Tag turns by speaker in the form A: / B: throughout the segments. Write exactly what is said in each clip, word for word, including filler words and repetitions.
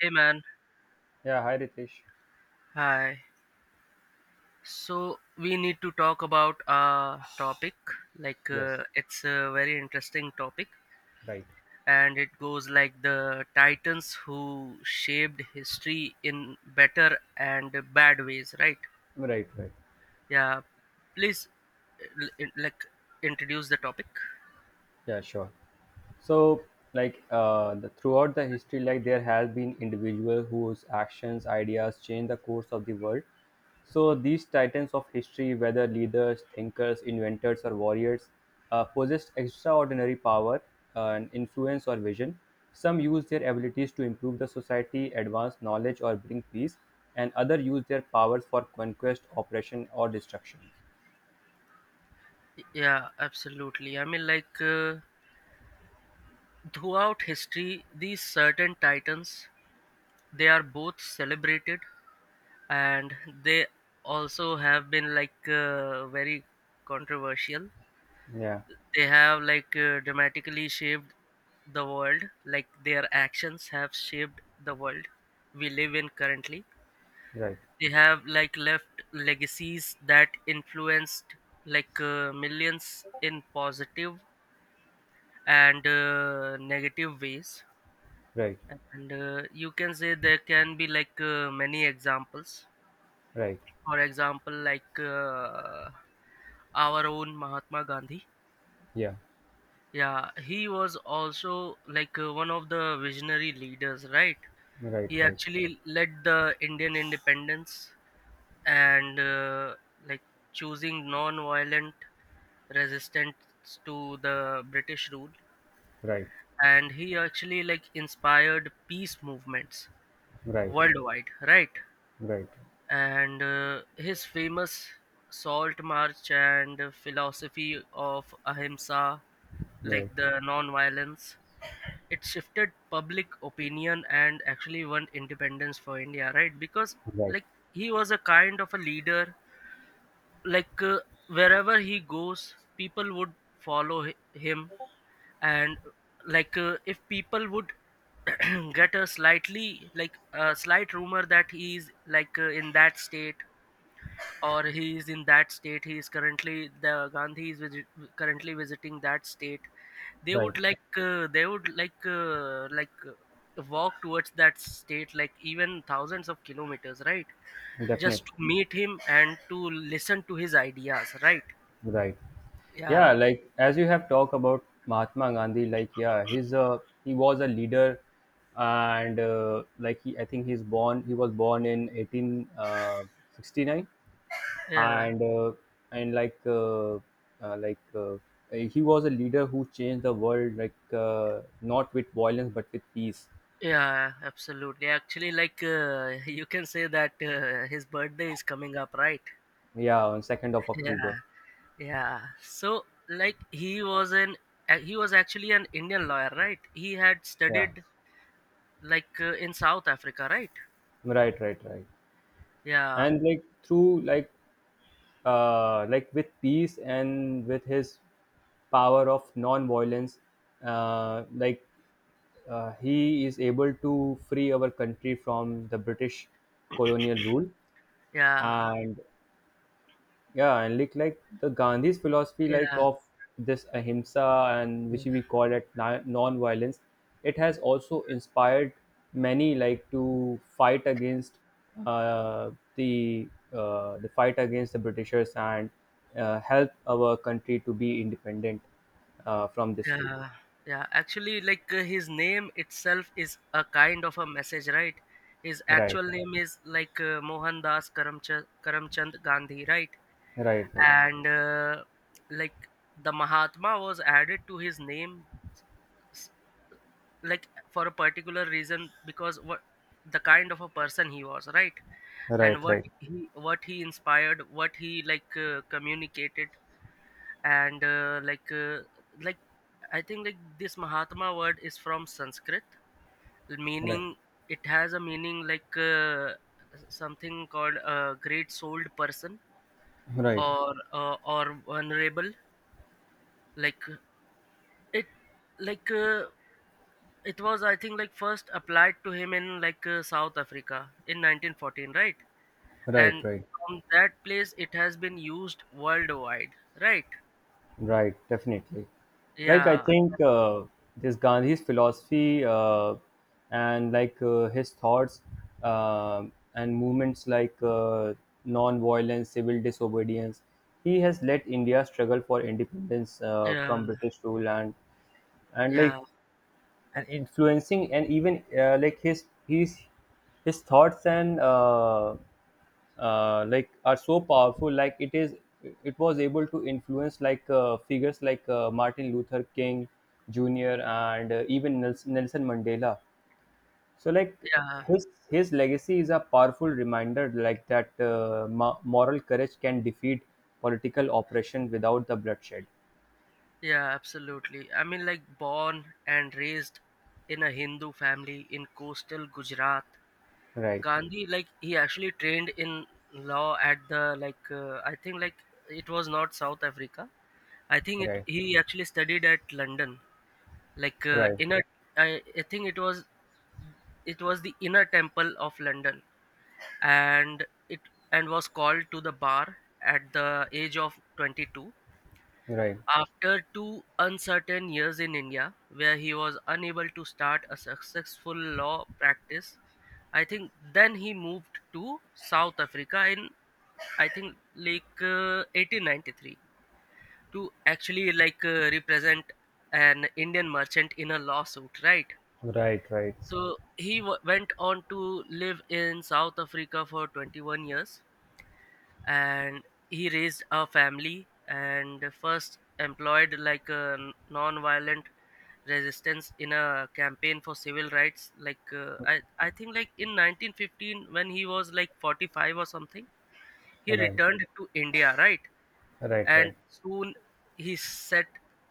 A: Hey man,
B: Yeah, hi Ritesh.
A: hi. So we need to talk about a topic, like
B: Yes,
A: uh, it's a very interesting topic,
B: right.
A: and it goes like the titans who shaped history in better and bad ways, right?
B: Right, right.
A: Yeah, please, uh, l- in- like introduce the topic.
B: Yeah, sure. So, like, uh, the, throughout the history, like, there has been individual whose actions, ideas change the course of the world. So, these titans of history, whether leaders, thinkers, inventors, or warriors, uh, possessed extraordinary power uh, and influence or vision. Some use their abilities to improve the society, advance knowledge, or bring peace, and others use their powers for conquest, oppression, or destruction.
A: Yeah, absolutely. I mean like uh, throughout history these certain titans, they are both celebrated, and they also have been like uh, very controversial.
B: Yeah.
A: They have like uh, dramatically shaped the world, like their actions have shaped the world we live in currently.
B: Right.
A: They have like left legacies that influenced like uh, millions in positive and uh, negative ways.
B: Right,
A: And uh, you can say there can be like uh, many examples.
B: right,
A: For example, like uh, our own Mahatma Gandhi.
B: yeah,
A: Yeah, he was also like uh, one of the visionary leaders, right?
B: right,
A: He
B: right,
A: actually led the Indian independence and, uh, like choosing non-violent resistance to the British rule.
B: right,
A: And he actually like inspired peace movements
B: right,
A: worldwide, right?
B: right,
A: And uh, his famous salt march and philosophy of ahimsa, like
B: right,
A: the non-violence, it shifted public opinion and actually won independence for India, right? Because
B: right,
A: like he was a kind of a leader, like uh, wherever he goes people would follow hi- him, and like uh, if people would get a slightly like a slight rumor that he's like uh, in that state, or he is in that state, he is currently the Gandhi is visit, currently visiting that state, they
B: right,
A: would like uh, they would like uh, like uh, walk towards that state, like even thousands of kilometers, right? Just
B: definitely,
A: to meet him and to listen to his ideas, right?
B: right.
A: yeah
B: Yeah, like as you have talked about Mahatma Gandhi, like, yeah, he's a he was a leader, and uh, like, he, I think he's born he was born in eighteen uh, sixty nine,
A: yeah
B: and uh, and like uh, uh, like uh, he was a leader who changed the world, like uh, not with violence but with peace.
A: Yeah, absolutely. Actually like uh, you can say that uh, his birthday is coming up, right?
B: Yeah, on 2nd of
A: Yeah.
B: October.
A: Yeah. So like he was an uh, he was actually an Indian lawyer, right? He had
B: Yeah.
A: studied like uh, in South Africa, right?
B: Right, right, right.
A: Yeah.
B: And, like, through like uh like with peace and with his power of non-violence, uh like uh, he is able to free our country from the British colonial rule.
A: Yeah.
B: And, yeah, and, like, like the gandhi's philosophy, like,
A: Yeah.
B: of this ahimsa, and
A: Yeah.
B: which we call it na- non-violence. It has also inspired many, like, to fight against uh, the uh, the fight against the britishers, and uh, help our country to be independent uh, from this rule.
A: Yeah. Yeah. Actually like uh, his name itself is a kind of a message, right? His
B: Right,
A: actual name is like uh, Mohandas Karamchand Karamchand Gandhi, right?
B: right, right,
A: And, uh, like the Mahatma was added to his name like for a particular reason, because what the kind of a person he was, right? And
B: right,
A: what
B: right,
A: he what he inspired, what he like uh, communicated. And uh, like uh, like I think like this Mahatma word is from Sanskrit,
B: right,
A: meaning it has a meaning like uh, something called a great souled person,
B: right,
A: or uh, or vulnerable. like it like uh, It was, I think, like first applied to him in like uh, South Africa in nineteen fourteen, right?
B: right,
A: And
B: right.
A: from that place, it has been used worldwide, right?
B: Right, definitely. Like, I
A: Yeah,
B: think uh, this Gandhi's philosophy, uh, and, like uh, his thoughts um and movements, like, uh, non-violence, civil disobedience, he has let India struggle for independence uh,
A: yeah,
B: from British rule, and and like
A: yeah,
B: and influencing, and even uh, like, his his his thoughts, and uh, uh, like, are so powerful, like, it is it was able to influence, like uh, figures like uh, martin luther king jr and uh, even nelson, nelson mandela. So, like,
A: yeah,
B: his his legacy is a powerful reminder, like, that uh, mo- moral courage can defeat political oppression without the bloodshed.
A: yeah, Absolutely. I mean, like born and raised in a Hindu family in coastal Gujarat,
B: Right,
A: Gandhi, like he actually trained in law at the like uh, I think like it was not South Africa. I think it
B: right,
A: he actually studied at London, like uh,
B: right,
A: inner I, I think it was, it was the Inner Temple of London, and it and was called to the bar at the age of twenty-two,
B: right,
A: after two uncertain years in India where he was unable to start a successful law practice. I think then he moved to South Africa in, I think like uh, eighteen ninety-three, to actually like uh, represent an Indian merchant in a lawsuit, right?
B: right, right,
A: So he w- went on to live in South Africa for twenty-one years, and he raised a family and first employed like a non-violent resistance in a campaign for civil rights, like uh, I, I think like in nineteen fifteen, when he was like forty-five or something, he
B: right.
A: returned to India, right?
B: Right,
A: And
B: right.
A: soon he set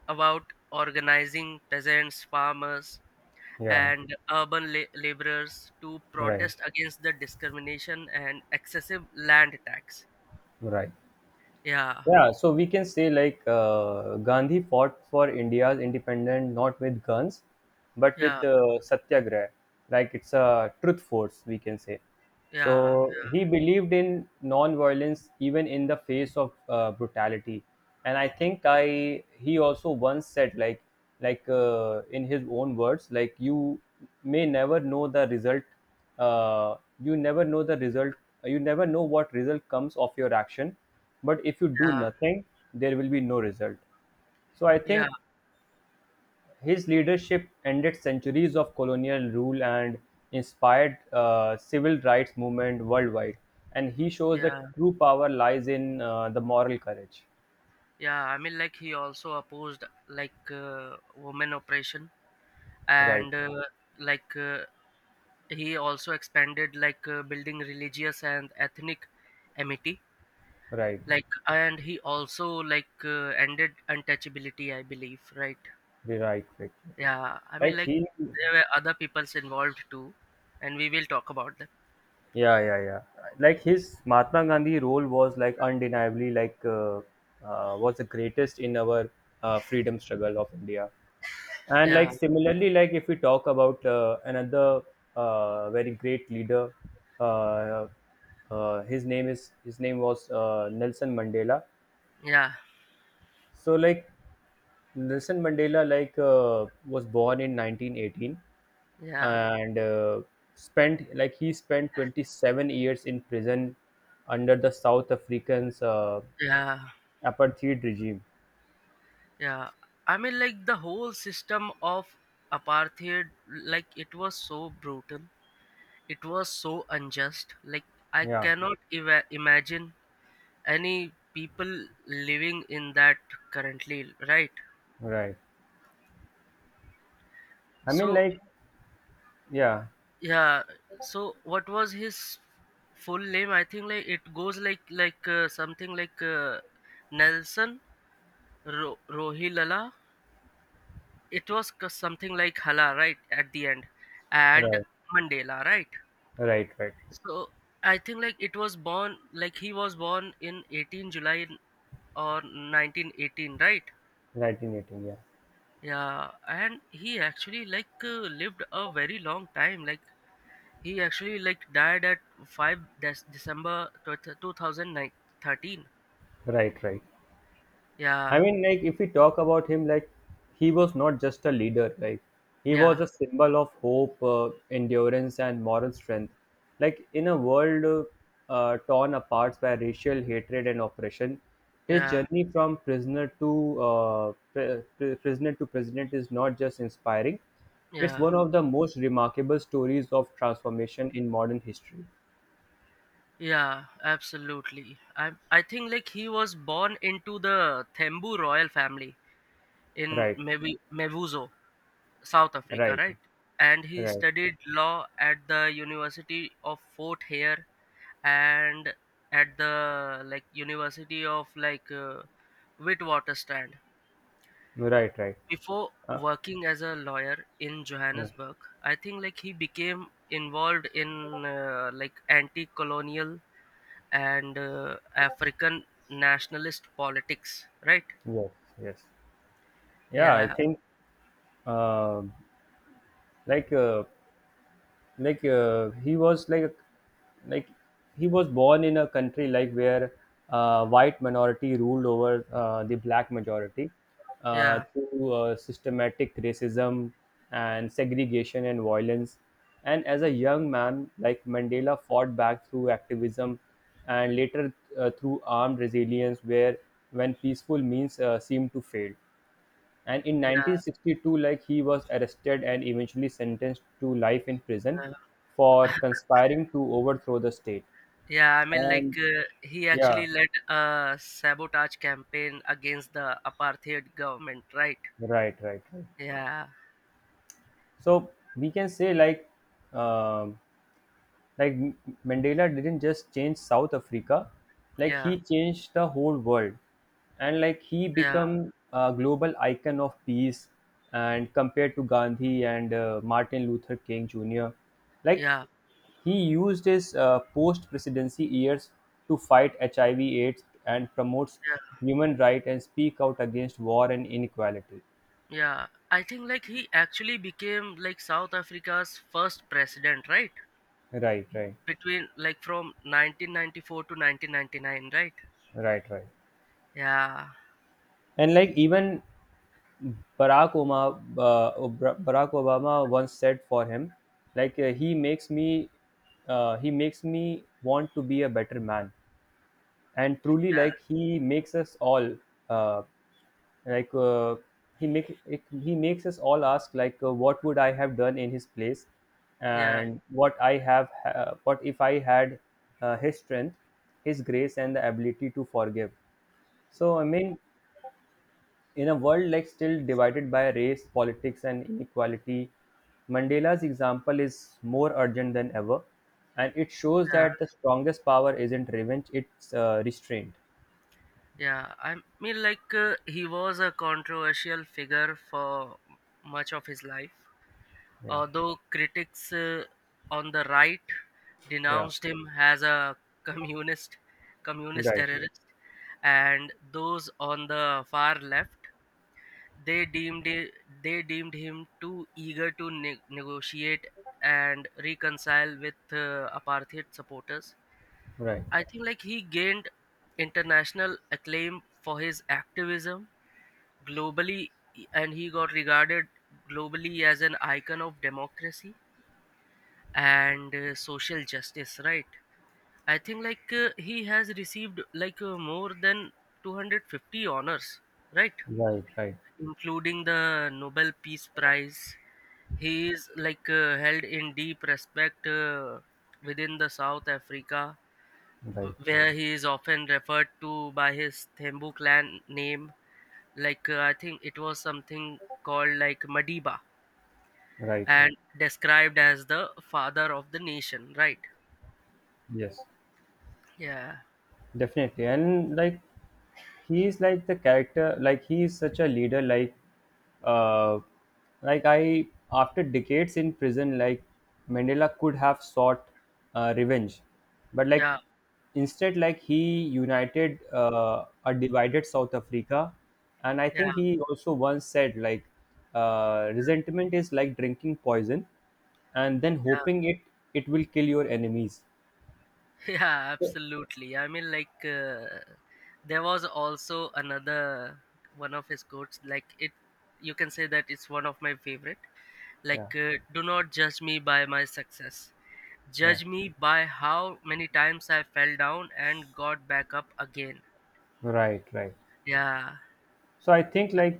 A: about organizing peasants, farmers,
B: Yeah,
A: and urban la- laborers to
B: right,
A: protest against the discrimination and excessive land tax.
B: right.
A: Yeah,
B: Yeah, so we can say, like, uh, Gandhi fought for India's independence not with guns, but with
A: yeah,
B: uh, satyagraha. Like, it's a truth force, we can say.
A: yeah,
B: So, he believed in non-violence even in the face of uh, brutality. And, I think I he also once said, like, like uh, in his own words, like, you may never know the result. uh, you never know the result. You never know what result comes of your action, but if you do
A: yeah,
B: nothing, there will be no result. So, I
A: yeah,
B: think his leadership ended centuries of colonial rule and inspired uh, civil rights movement worldwide, and he shows that
A: yeah,
B: true power lies in uh, the moral courage.
A: yeah. I mean, like he also opposed like uh, women oppression,
B: Right,
A: and uh, like uh, he also expanded like uh, building religious and ethnic amity.
B: right,
A: Like, and he also like uh, ended untouchability, I believe, right?
B: right, right, right.
A: Yeah, I mean,
B: like
A: like
B: he
A: there were other peoples involved too, and we will talk about that.
B: Yeah, yeah, yeah. Like, his Mahatma Gandhi role was, like, undeniably, like uh, uh, was the greatest in our uh, freedom struggle of India. And, like,
A: Yeah,
B: similarly, like, if we talk about uh, another uh, very great leader, uh, uh, his name is his name was uh, Nelson Mandela.
A: yeah,
B: So, like, Nelson Mandela, like uh, was born in nineteen eighteen,
A: yeah,
B: and uh, spent like he spent twenty-seven years in prison under the South Africans uh,
A: yeah,
B: apartheid regime.
A: yeah. I mean, like the whole system of apartheid, like it was so brutal, it was so unjust. Like I
B: Yeah,
A: cannot eva imagine any people living in that currently, right?
B: right. I mean,
A: So,
B: like, yeah,
A: yeah. So what was his full name? I think like it goes like like uh, something like uh, Nelson Ro- Rohilala. It was c- something like Hala, right? At the end, and
B: right,
A: Mandela, right?
B: right, right.
A: So I think like it was born, like he was born in eighteenth of July or nineteen eighteen, right?
B: nineteen eighteen, yeah.
A: Yeah, and he actually like uh, lived a very long time. Like, he actually like died at five December- December two thousand thirteen.
B: Right, right. I
A: Yeah,
B: mean, like, if we talk about him, like, he was not just a leader, like, he was
A: yeah,
B: a symbol of hope, uh, endurance, and moral strength. Like, in a world uh, uh, torn apart by racial hatred and oppression, his
A: yeah,
B: journey from prisoner to uh, pr- pr- prisoner to president is not just inspiring; it's
A: yeah,
B: one of the most remarkable stories of transformation in modern history.
A: yeah, Absolutely. I I think like he was born into the Thembu royal family in
B: Right,
A: maybe Mevuzo, South Africa,
B: right,
A: right? And he
B: right,
A: studied law at the University of Fort Hare, and at the like University of like uh, Witwatersrand,
B: right, right.
A: before
B: Uh,
A: working as a lawyer in
B: yeah.
A: Johannesburg. I think like he became involved in uh, like anti-colonial and uh, African nationalist politics, right?
B: Yes, yes. Yeah, I
A: yeah
B: think uh, like uh, like uh, he was like like he was born in a country, like, where uh, white minority ruled over uh, the black majority uh,
A: yeah
B: through uh, systematic racism and segregation and violence. And, as a young man, like, mandela fought back through activism, and later uh, through armed resilience, where when peaceful means uh, seemed to fail, and in
A: yeah
B: nineteen sixty-two, like, he was arrested and eventually sentenced to life in prison
A: yeah,
B: for conspiring to overthrow the state.
A: yeah. I mean like uh, he
B: Yeah,
A: actually led a sabotage campaign against the apartheid government, right?
B: right, right, right.
A: yeah
B: So, we can say, like, um, Like M- Mandela didn't just change South Africa, like,
A: yeah
B: he changed the whole world, and, like, he
A: yeah
B: become a global icon of peace. And, compared to Gandhi and uh, Martin Luther King Junior, like,
A: yeah
B: he used his uh, post-presidency years to fight H I V/AIDS and promotes
A: yeah
B: human rights and speak out against war and inequality.
A: Yeah, I think like he actually became like South Africa's first president, right?
B: Right, right,
A: Between like from nineteen ninety-four to nineteen ninety-nine, right?
B: right, right.
A: Yeah,
B: And, like, even Barack Obama, uh, Barack Obama once said for him, like, uh, he makes me, uh, he makes me want to be a better man, and, truly,
A: yeah,
B: like, he makes us all, uh, like uh, he make he makes us all ask, like, uh, what would I have done in his place,
A: yeah,
B: and what I have, uh, what if I had uh, his strength, his grace, and the ability to forgive. So, I mean, in a world, like, still divided by race, politics, and inequality, Mandela's example is more urgent than ever, and it shows
A: yeah,
B: that the strongest power isn't revenge; it's uh, restraint.
A: yeah. I mean, like uh, he was a controversial figure for much of his life,
B: Yeah,
A: although critics uh, on the right
B: yeah,
A: denounced him as a communist, communist
B: right,
A: terrorist, and those on the far left, They deemed it, they deemed him too eager to ne- negotiate and reconcile with uh, apartheid supporters.
B: right,
A: I think like he gained international acclaim for his activism globally, and he got regarded globally as an icon of democracy and uh, social justice, right? I think like uh, he has received like uh, more than two hundred fifty honors, right?
B: right,
A: Including the Nobel Peace Prize. He is like uh, held in deep respect uh, within the South Africa,
B: right, right,
A: where he is often referred to by his Thembu clan name. Like uh, I think it was something called like Madiba,
B: right.
A: and described as the father of the nation, right?
B: Yes,
A: Yeah.
B: definitely. And, like, he's like the character like he is such a leader like uh like I after decades in prison, like, Mandela could have sought uh, revenge, but, like,
A: Yeah.
B: instead, like, he united uh, a divided South Africa, and I
A: Yeah.
B: think he also once said, like, uh, resentment is like drinking poison and then
A: Yeah.
B: hoping it it will kill your enemies.
A: Yeah, absolutely. I mean, like, uh, there was also another one of his quotes, like, it, you can say that it's one of my favorite.
B: Yeah,
A: Like, uh, do not judge me by my success.
B: yeah,
A: Judge me by how many times I fell down and got back up again.
B: right, right.
A: Yeah,
B: So, I think, like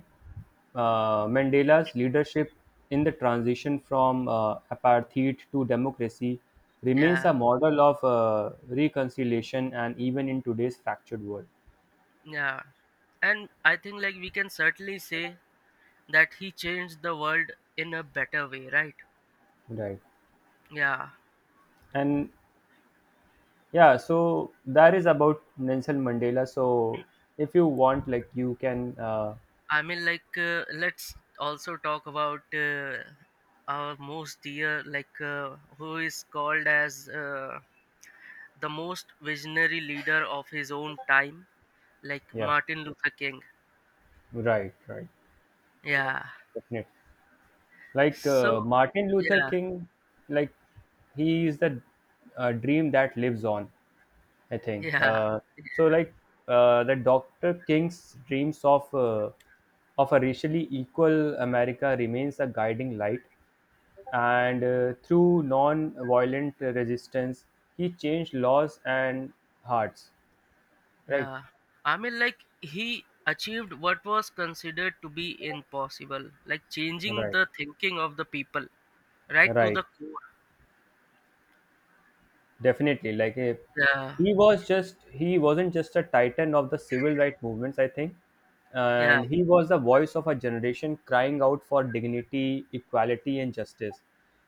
B: uh, Mandela's leadership in the transition from uh, apartheid to democracy remains
A: yeah,
B: a model of uh, reconciliation and even in today's fractured world.
A: yeah. And I think, like, we can certainly say that he changed the world in a better way, right?
B: Right.
A: Yeah.
B: And, yeah, so that is about Nelson Mandela. So, if you want, like, you can, uh,
A: I mean, like, uh, let's also talk about uh, our most dear, like, uh, who is called as uh, the most visionary leader of his own time, like
B: yeah,
A: Martin Luther King.
B: right, right,
A: Yeah.
B: definitely. Like,
A: So,
B: uh, Martin Luther
A: yeah,
B: King, like, he is the uh, dream that lives on. I think.
A: yeah,
B: Uh, so, like, uh, the Doctor King's dreams of uh, of a racially equal America remains a guiding light, and uh, through non-violent resistance, he changed laws and hearts. Right,
A: yeah. I mean, like, he achieved what was considered to be impossible, like changing
B: right,
A: the thinking of the people right to
B: right.
A: the core.
B: Definitely, like, eh,
A: Yeah,
B: he was just he wasn't just a titan of the civil rights movements, I think,
A: yeah,
B: and he was the voice of a generation crying out for dignity, equality, and justice.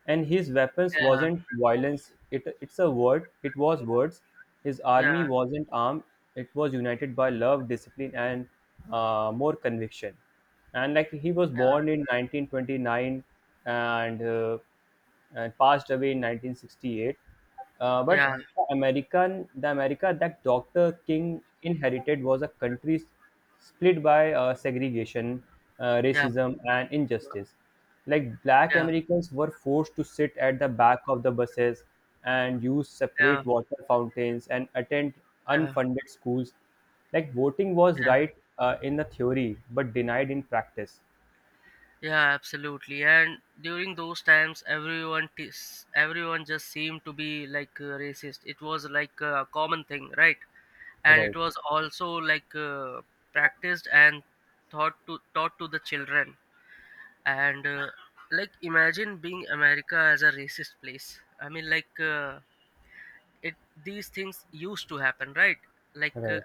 B: And, his weapons
A: yeah,
B: wasn't violence; it it's a word. It was words. His army
A: yeah,
B: wasn't armed; it was united by love, discipline, and uh, more conviction. And, like, he was born in nineteen twenty-nine, and uh, and passed away in nineteen sixty-eight. Uh,
A: yeah,
B: but the American, the America that Doctor King inherited was a country s- split by uh, segregation, uh,
A: yeah,
B: racism, and
A: yeah.
B: injustice. Like, black
A: Yeah,
B: Americans were forced to sit at the back of the buses and use
A: yeah,
B: separate water fountains and attend
A: yeah,
B: unfunded schools. Like, voting was
A: yeah,
B: right uh, in the theory, but denied in practice.
A: yeah, absolutely. And during those times, everyone tis everyone just seemed to be like uh, racist. It was like a common thing, right? And it
B: Right,
A: was also like uh, practiced and taught to taught to the children. And uh, like imagine being America as a racist place. I mean, like uh, it these things used to happen, right? like uh,
B: right,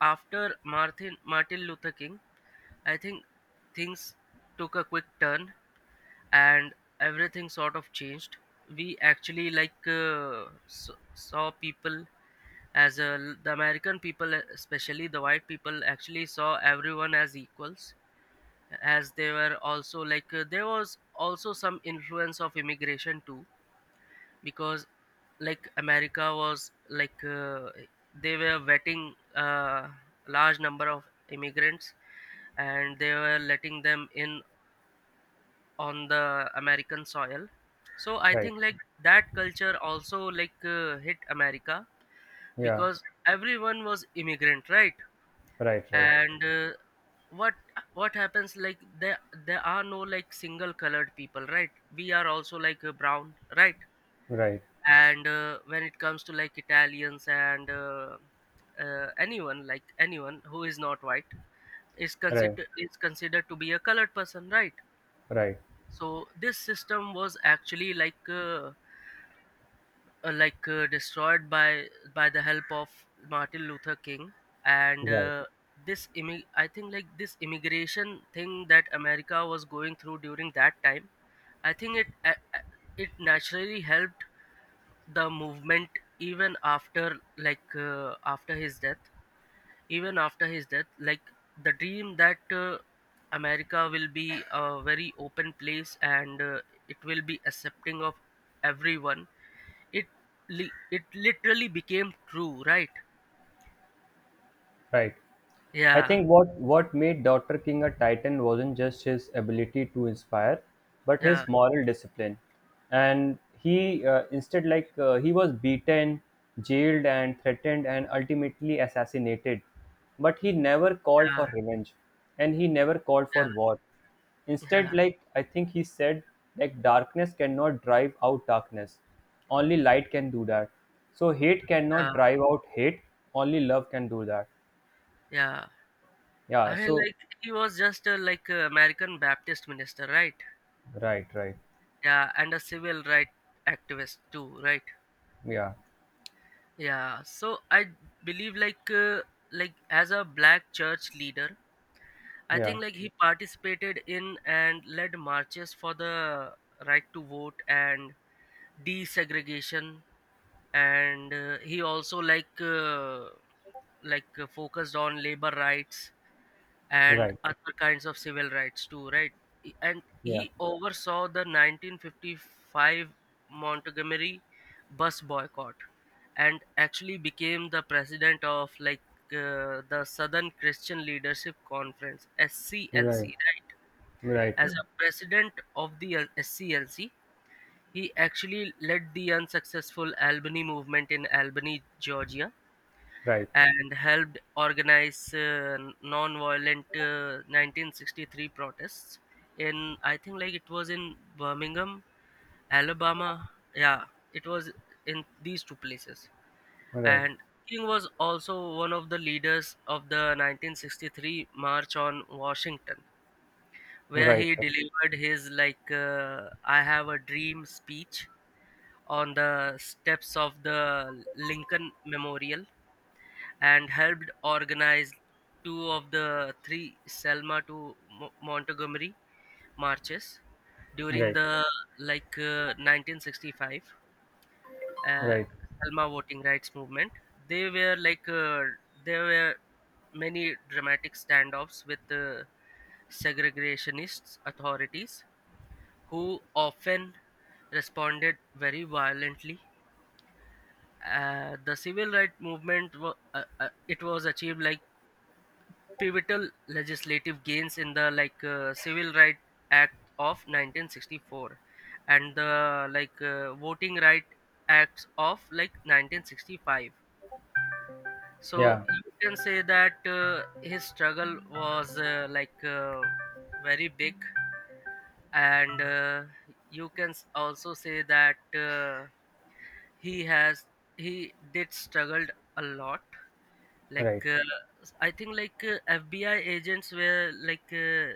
A: After martin martin Luther King, I think things took a quick turn and everything sort of changed. We actually like uh, s- saw people as a, the American people, especially the white people, actually saw everyone as equals, as they were also like uh, there was also some influence of immigration too, because like America was like uh, they were vetting uh, large number of immigrants, and they were letting them in on the American soil. So I
B: right.
A: think like that culture also like uh, hit America,
B: Yeah,
A: because everyone was immigrant, right?
B: right, right.
A: And uh, what what happens like there there are no like single colored people, right? We are also like uh, brown, right?
B: Right,
A: And uh, when it comes to like Italians and uh, uh, anyone like anyone who is not white is
B: right,
A: considered is considered to be a colored person, right?
B: right,
A: So this system was actually like uh, uh, like uh, destroyed by by the help of Martin Luther King. And
B: right,
A: uh, this immi- I think like this immigration thing that America was going through during that time, I think it uh, uh, it naturally helped the movement. Even after like uh, after his death, even after his death, like the dream that uh, America will be a very open place and uh, it will be accepting of everyone, it li- it literally became true, right?
B: right. I
A: yeah
B: think what, what made Doctor King a titan wasn't just his ability to inspire, but
A: yeah
B: his moral discipline. And, he uh, instead, like, uh, he was beaten, jailed, and threatened, and ultimately assassinated. But, he never called
A: yeah
B: for revenge, and he never called for
A: yeah
B: war.
A: yeah
B: Instead, like, I think he said, like, darkness cannot drive out darkness, only light can do that. So, hate cannot
A: yeah,
B: drive out hate, only love can do that.
A: yeah.
B: Yeah,
A: i mean
B: so
A: like he was just a, like a American Baptist minister, right?
B: right, right.
A: Yeah, and a civil right activist, too, right?
B: Yeah,
A: Yeah, so I believe, like, uh, like, as a Black church leader, I
B: yeah,
A: think, like, he participated in and led marches for the right to vote and desegregation, and uh, he also, like, uh, like uh, focused on labor rights and
B: right,
A: other kinds of civil rights, too, right? E- And
B: yeah,
A: he oversaw the nineteen fifty-five Montgomery bus boycott and actually became the president of, like, uh, the Southern Christian Leadership Conference, S C L C,
B: right,
A: right?
B: right,
A: As
B: right,
A: a president of the L- S C L C, he actually led the unsuccessful Albany movement in Albany, Georgia,
B: right,
A: and helped organize uh, non-violent, uh, nineteen sixty-three protests in, I think, like, it was in Birmingham, Alabama. Yeah, it was in these two places.
B: right,
A: And King was also one of the leaders of the nineteen sixty-three March on Washington, where
B: right,
A: he delivered his, like, uh, I Have a Dream speech on the steps of the Lincoln Memorial, and helped organize two of the three Selma to Mo- Montgomery marches during
B: right,
A: the, like, uh, nineteen sixty-five, uh,
B: right.
A: Selma voting rights movement. They were like uh, there were many dramatic standoffs with uh, segregationist authorities, who often responded very violently. Uh, the civil rights movement wa- uh, uh, it was achieved, like, pivotal legislative gains in the, like, uh, Civil Right Act of nineteen sixty-four, and the, like, uh, Voting Right Acts of, like, nineteen sixty-five. So
B: Yeah,
A: you can say that, uh, his struggle was, uh, like, uh, very big, and, uh, you can s- also say that, uh, he has he did struggled a lot, like,
B: right,
A: uh, s- I think, like, uh, FBI agents were, like, uh,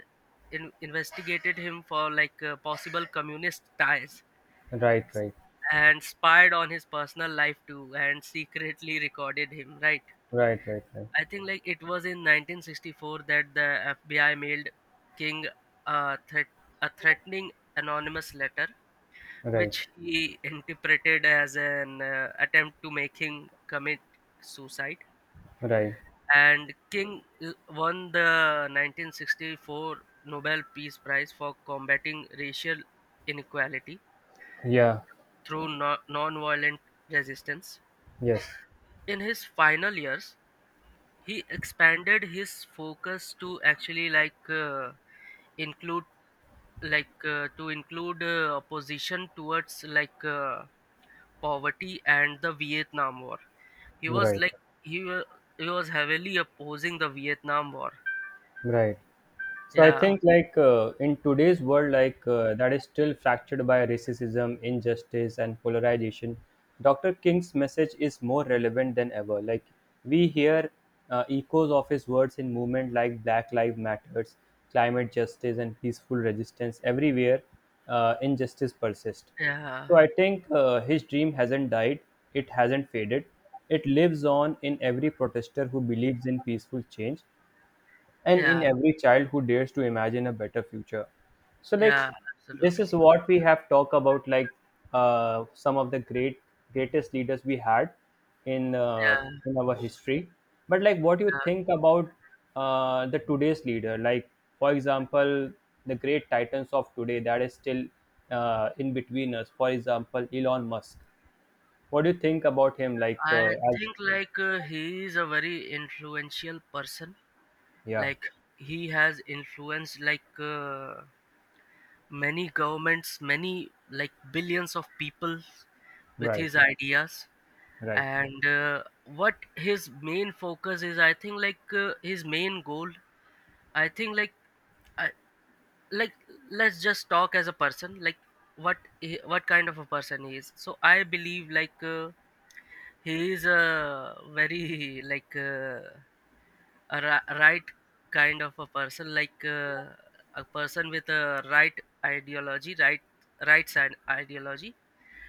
A: in- investigated him for, like, uh, possible communist ties,
B: right, right,
A: and spied on his personal life, too, and secretly recorded him, right?
B: right, right,
A: I think, like, it was in nineteen sixty-four that the FBI mailed King a, threat- a threatening anonymous letter,
B: right,
A: which he interpreted as an uh, attempt to make him commit suicide.
B: right, right,
A: And King l- won the nineteen sixty-four Nobel Peace Prize for combating racial inequality
B: yeah,
A: through no- nonviolent resistance.
B: yes,
A: In his final years, he expanded his focus to actually, like, uh, include like uh, to include uh, opposition towards, like, uh, poverty and the Vietnam War. He was
B: right,
A: like he, wa- he was heavily opposing the Vietnam War.
B: right. So, I
A: Yeah,
B: think, like uh, in today's world, like uh, that is still fractured by racism, injustice, and polarization. Doctor King's message is more relevant than ever. Like, we hear uh, echoes of his words in movement like Black Lives Matters, climate justice, and peaceful resistance everywhere. Uh, injustice persists.
A: yeah,
B: So, I think uh, his dream hasn't died. It hasn't faded. It lives on in every protester who believes in peaceful change and in
A: yeah.
B: every child who dares to imagine a better future. So, like,
A: Yeah,
B: this is
A: absolutely.
B: what we have talked about, like, uh, some of the great greatest leaders we had in uh,
A: Yeah, yeah.
B: in our history. But, like, what do you think about uh, the today's leader, like, for example, the great titans of today that is still uh, in between us, for example, elon musk? What do you think about him, like, uh,
A: I
B: as
A: think, like, uh, he is a very influential person.
B: Yeah,
A: Like, he has influenced, like, uh, many governments, many, like, billions of people with
B: right,
A: his ideas.
B: right,
A: And uh, what his main focus is, I think, like, uh, his main goal. I think, like, I, like let's just talk as a person, like, what he, what kind of a person he is. So I believe, like, uh, he is a very, like, uh, a ri- right kind of a person, like, uh, a person with a right ideology, right right side ideology,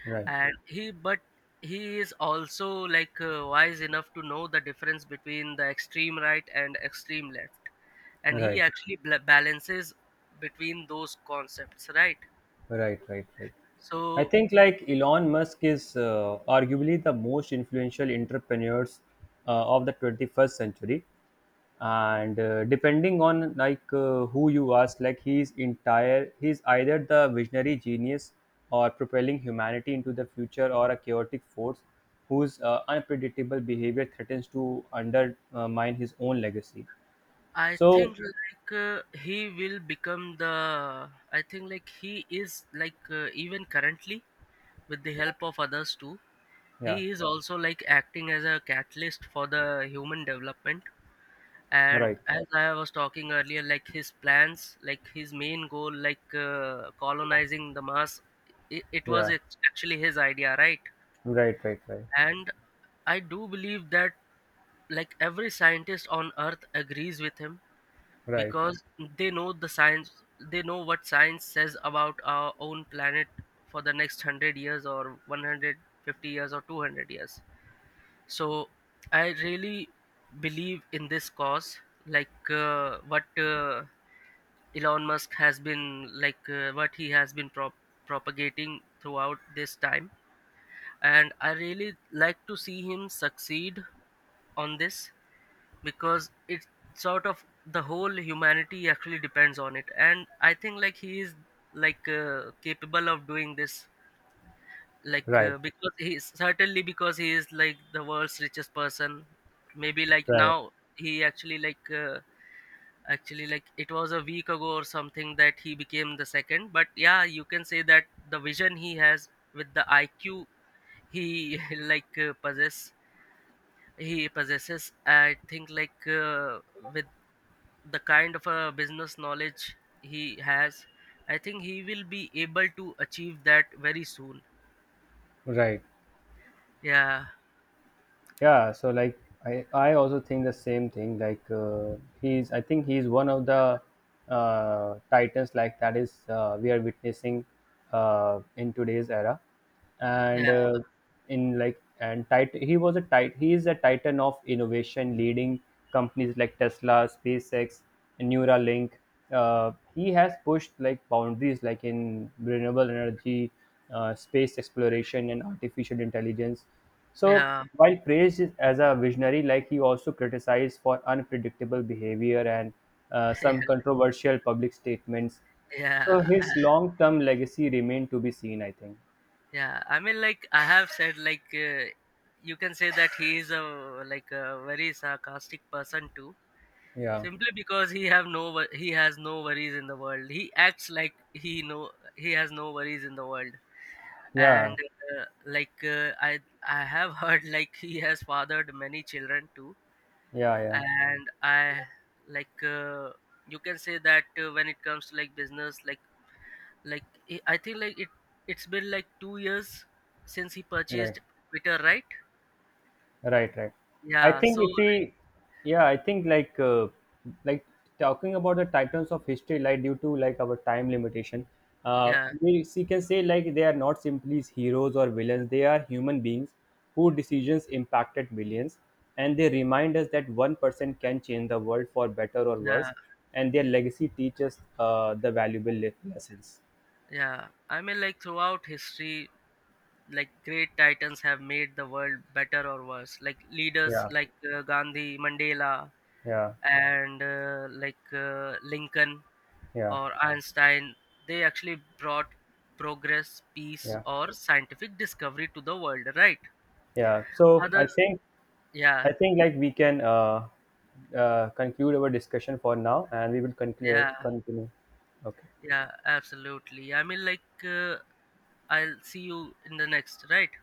B: right,
A: and he but he is also, like, uh, wise enough to know the difference between the extreme right and extreme left, and he
B: right.
A: actually bla balances between those concepts, right?
B: Right, right, right. I
A: So
B: think, like, Elon Musk is uh, arguably the most influential entrepreneurs uh, of the twenty-first century, and uh, depending on, like, uh, who you ask, like, he's entire he's either the visionary genius or propelling humanity into the future, or a chaotic force whose uh, unpredictable behavior threatens to undermine his own legacy.
A: I
B: So
A: think, like, uh, he will become the. I think, like, he is, like, uh, even currently, with the help of others, too.
B: yeah,
A: He is also, like, acting as a catalyst for the human development. And
B: right,
A: as I was talking earlier, like, his plans, like, his main goal, like, uh, colonizing the Mars. It, it was
B: yeah,
A: act- actually his idea, right?
B: right, right, right,
A: And I do believe that, like, every scientist on Earth agrees with him,
B: right,
A: because they know the science, they know what science says about our own planet for the next one hundred years, or one hundred fifty years, or two hundred years. So I really believe in this cause, like, uh, what uh, Elon Musk has been, like, uh, what he has been prop- propagating throughout this time. And I really like to see him succeed on this, because it's sort of, the whole humanity actually depends on it. And I think, like, he is, like, uh, capable of doing this, like, uh,
B: right.
A: because he is certainly, because he is like the world's richest person, maybe, like,
B: Right,
A: now. He actually, like, uh, actually like it was a week ago or something that he became the second. But yeah, you can say that the vision he has, with the IQ he like, uh, possess he possesses, I think, like, uh, with the kind of a business knowledge he has, I think he will be able to achieve that very soon.
B: right.
A: Yeah,
B: Yeah, so, like, I I also think the same thing. Like, uh, he's I think he's one of the uh, titans, like, that is uh, we are witnessing uh, in today's era, and
A: yeah,
B: uh, in like and tit- he was a tit- he is a titan of innovation, leading companies like Tesla, SpaceX, Neuralink. Uh, he has pushed, like, boundaries, like, in renewable energy, uh, space exploration, and artificial intelligence. So,
A: yeah.
B: while praised as a visionary, like, he also criticized for unpredictable behavior and uh, some controversial public statements.
A: Yeah,
B: So, his long term legacy remained to be seen, I think.
A: yeah. I mean, like, I have said, like, uh, you can say that he is a, like, a very sarcastic person, too,
B: Yeah,
A: simply because he have no wo- he has no worries in the world. He acts like he know he has no worries in the world. And,
B: yeah,
A: uh, like, uh, i i have heard, like, he has fathered many children, too.
B: yeah, yeah.
A: And I, like, uh, you can say that, uh, when it comes to, like, business, like like i I think, like, it it's been, like, two years since he purchased
B: Right.
A: Twitter, right?
B: Right, right. I
A: Yeah, so,
B: think if
A: like.
B: we, yeah, I think, like, uh, like talking about the titans of history, like, due to, like, our time limitation, uh,
A: Yeah,
B: we see can say, like, they are not simply heroes or villains. They are human beings whose decisions impacted millions, and they remind us that one person can change the world for better or
A: yeah,
B: worse, and their legacy teaches uh, the valuable le- lessons.
A: yeah. I mean, like, throughout history, like, great titans have made the world better or worse. Like leaders
B: Yeah,
A: like, uh, Gandhi, Mandela,
B: yeah,
A: and, uh, like, uh, Lincoln,
B: yeah,
A: or Einstein, they actually brought progress, peace,
B: yeah,
A: or scientific discovery to the world, right?
B: yeah. So, I
A: Others.
B: think.
A: Yeah,
B: I think, like, we can uh, uh, conclude our discussion for now, and we will conclude
A: yeah,
B: continue. Okay.
A: yeah, absolutely. I mean, like, uh, I'll see you in the next, right?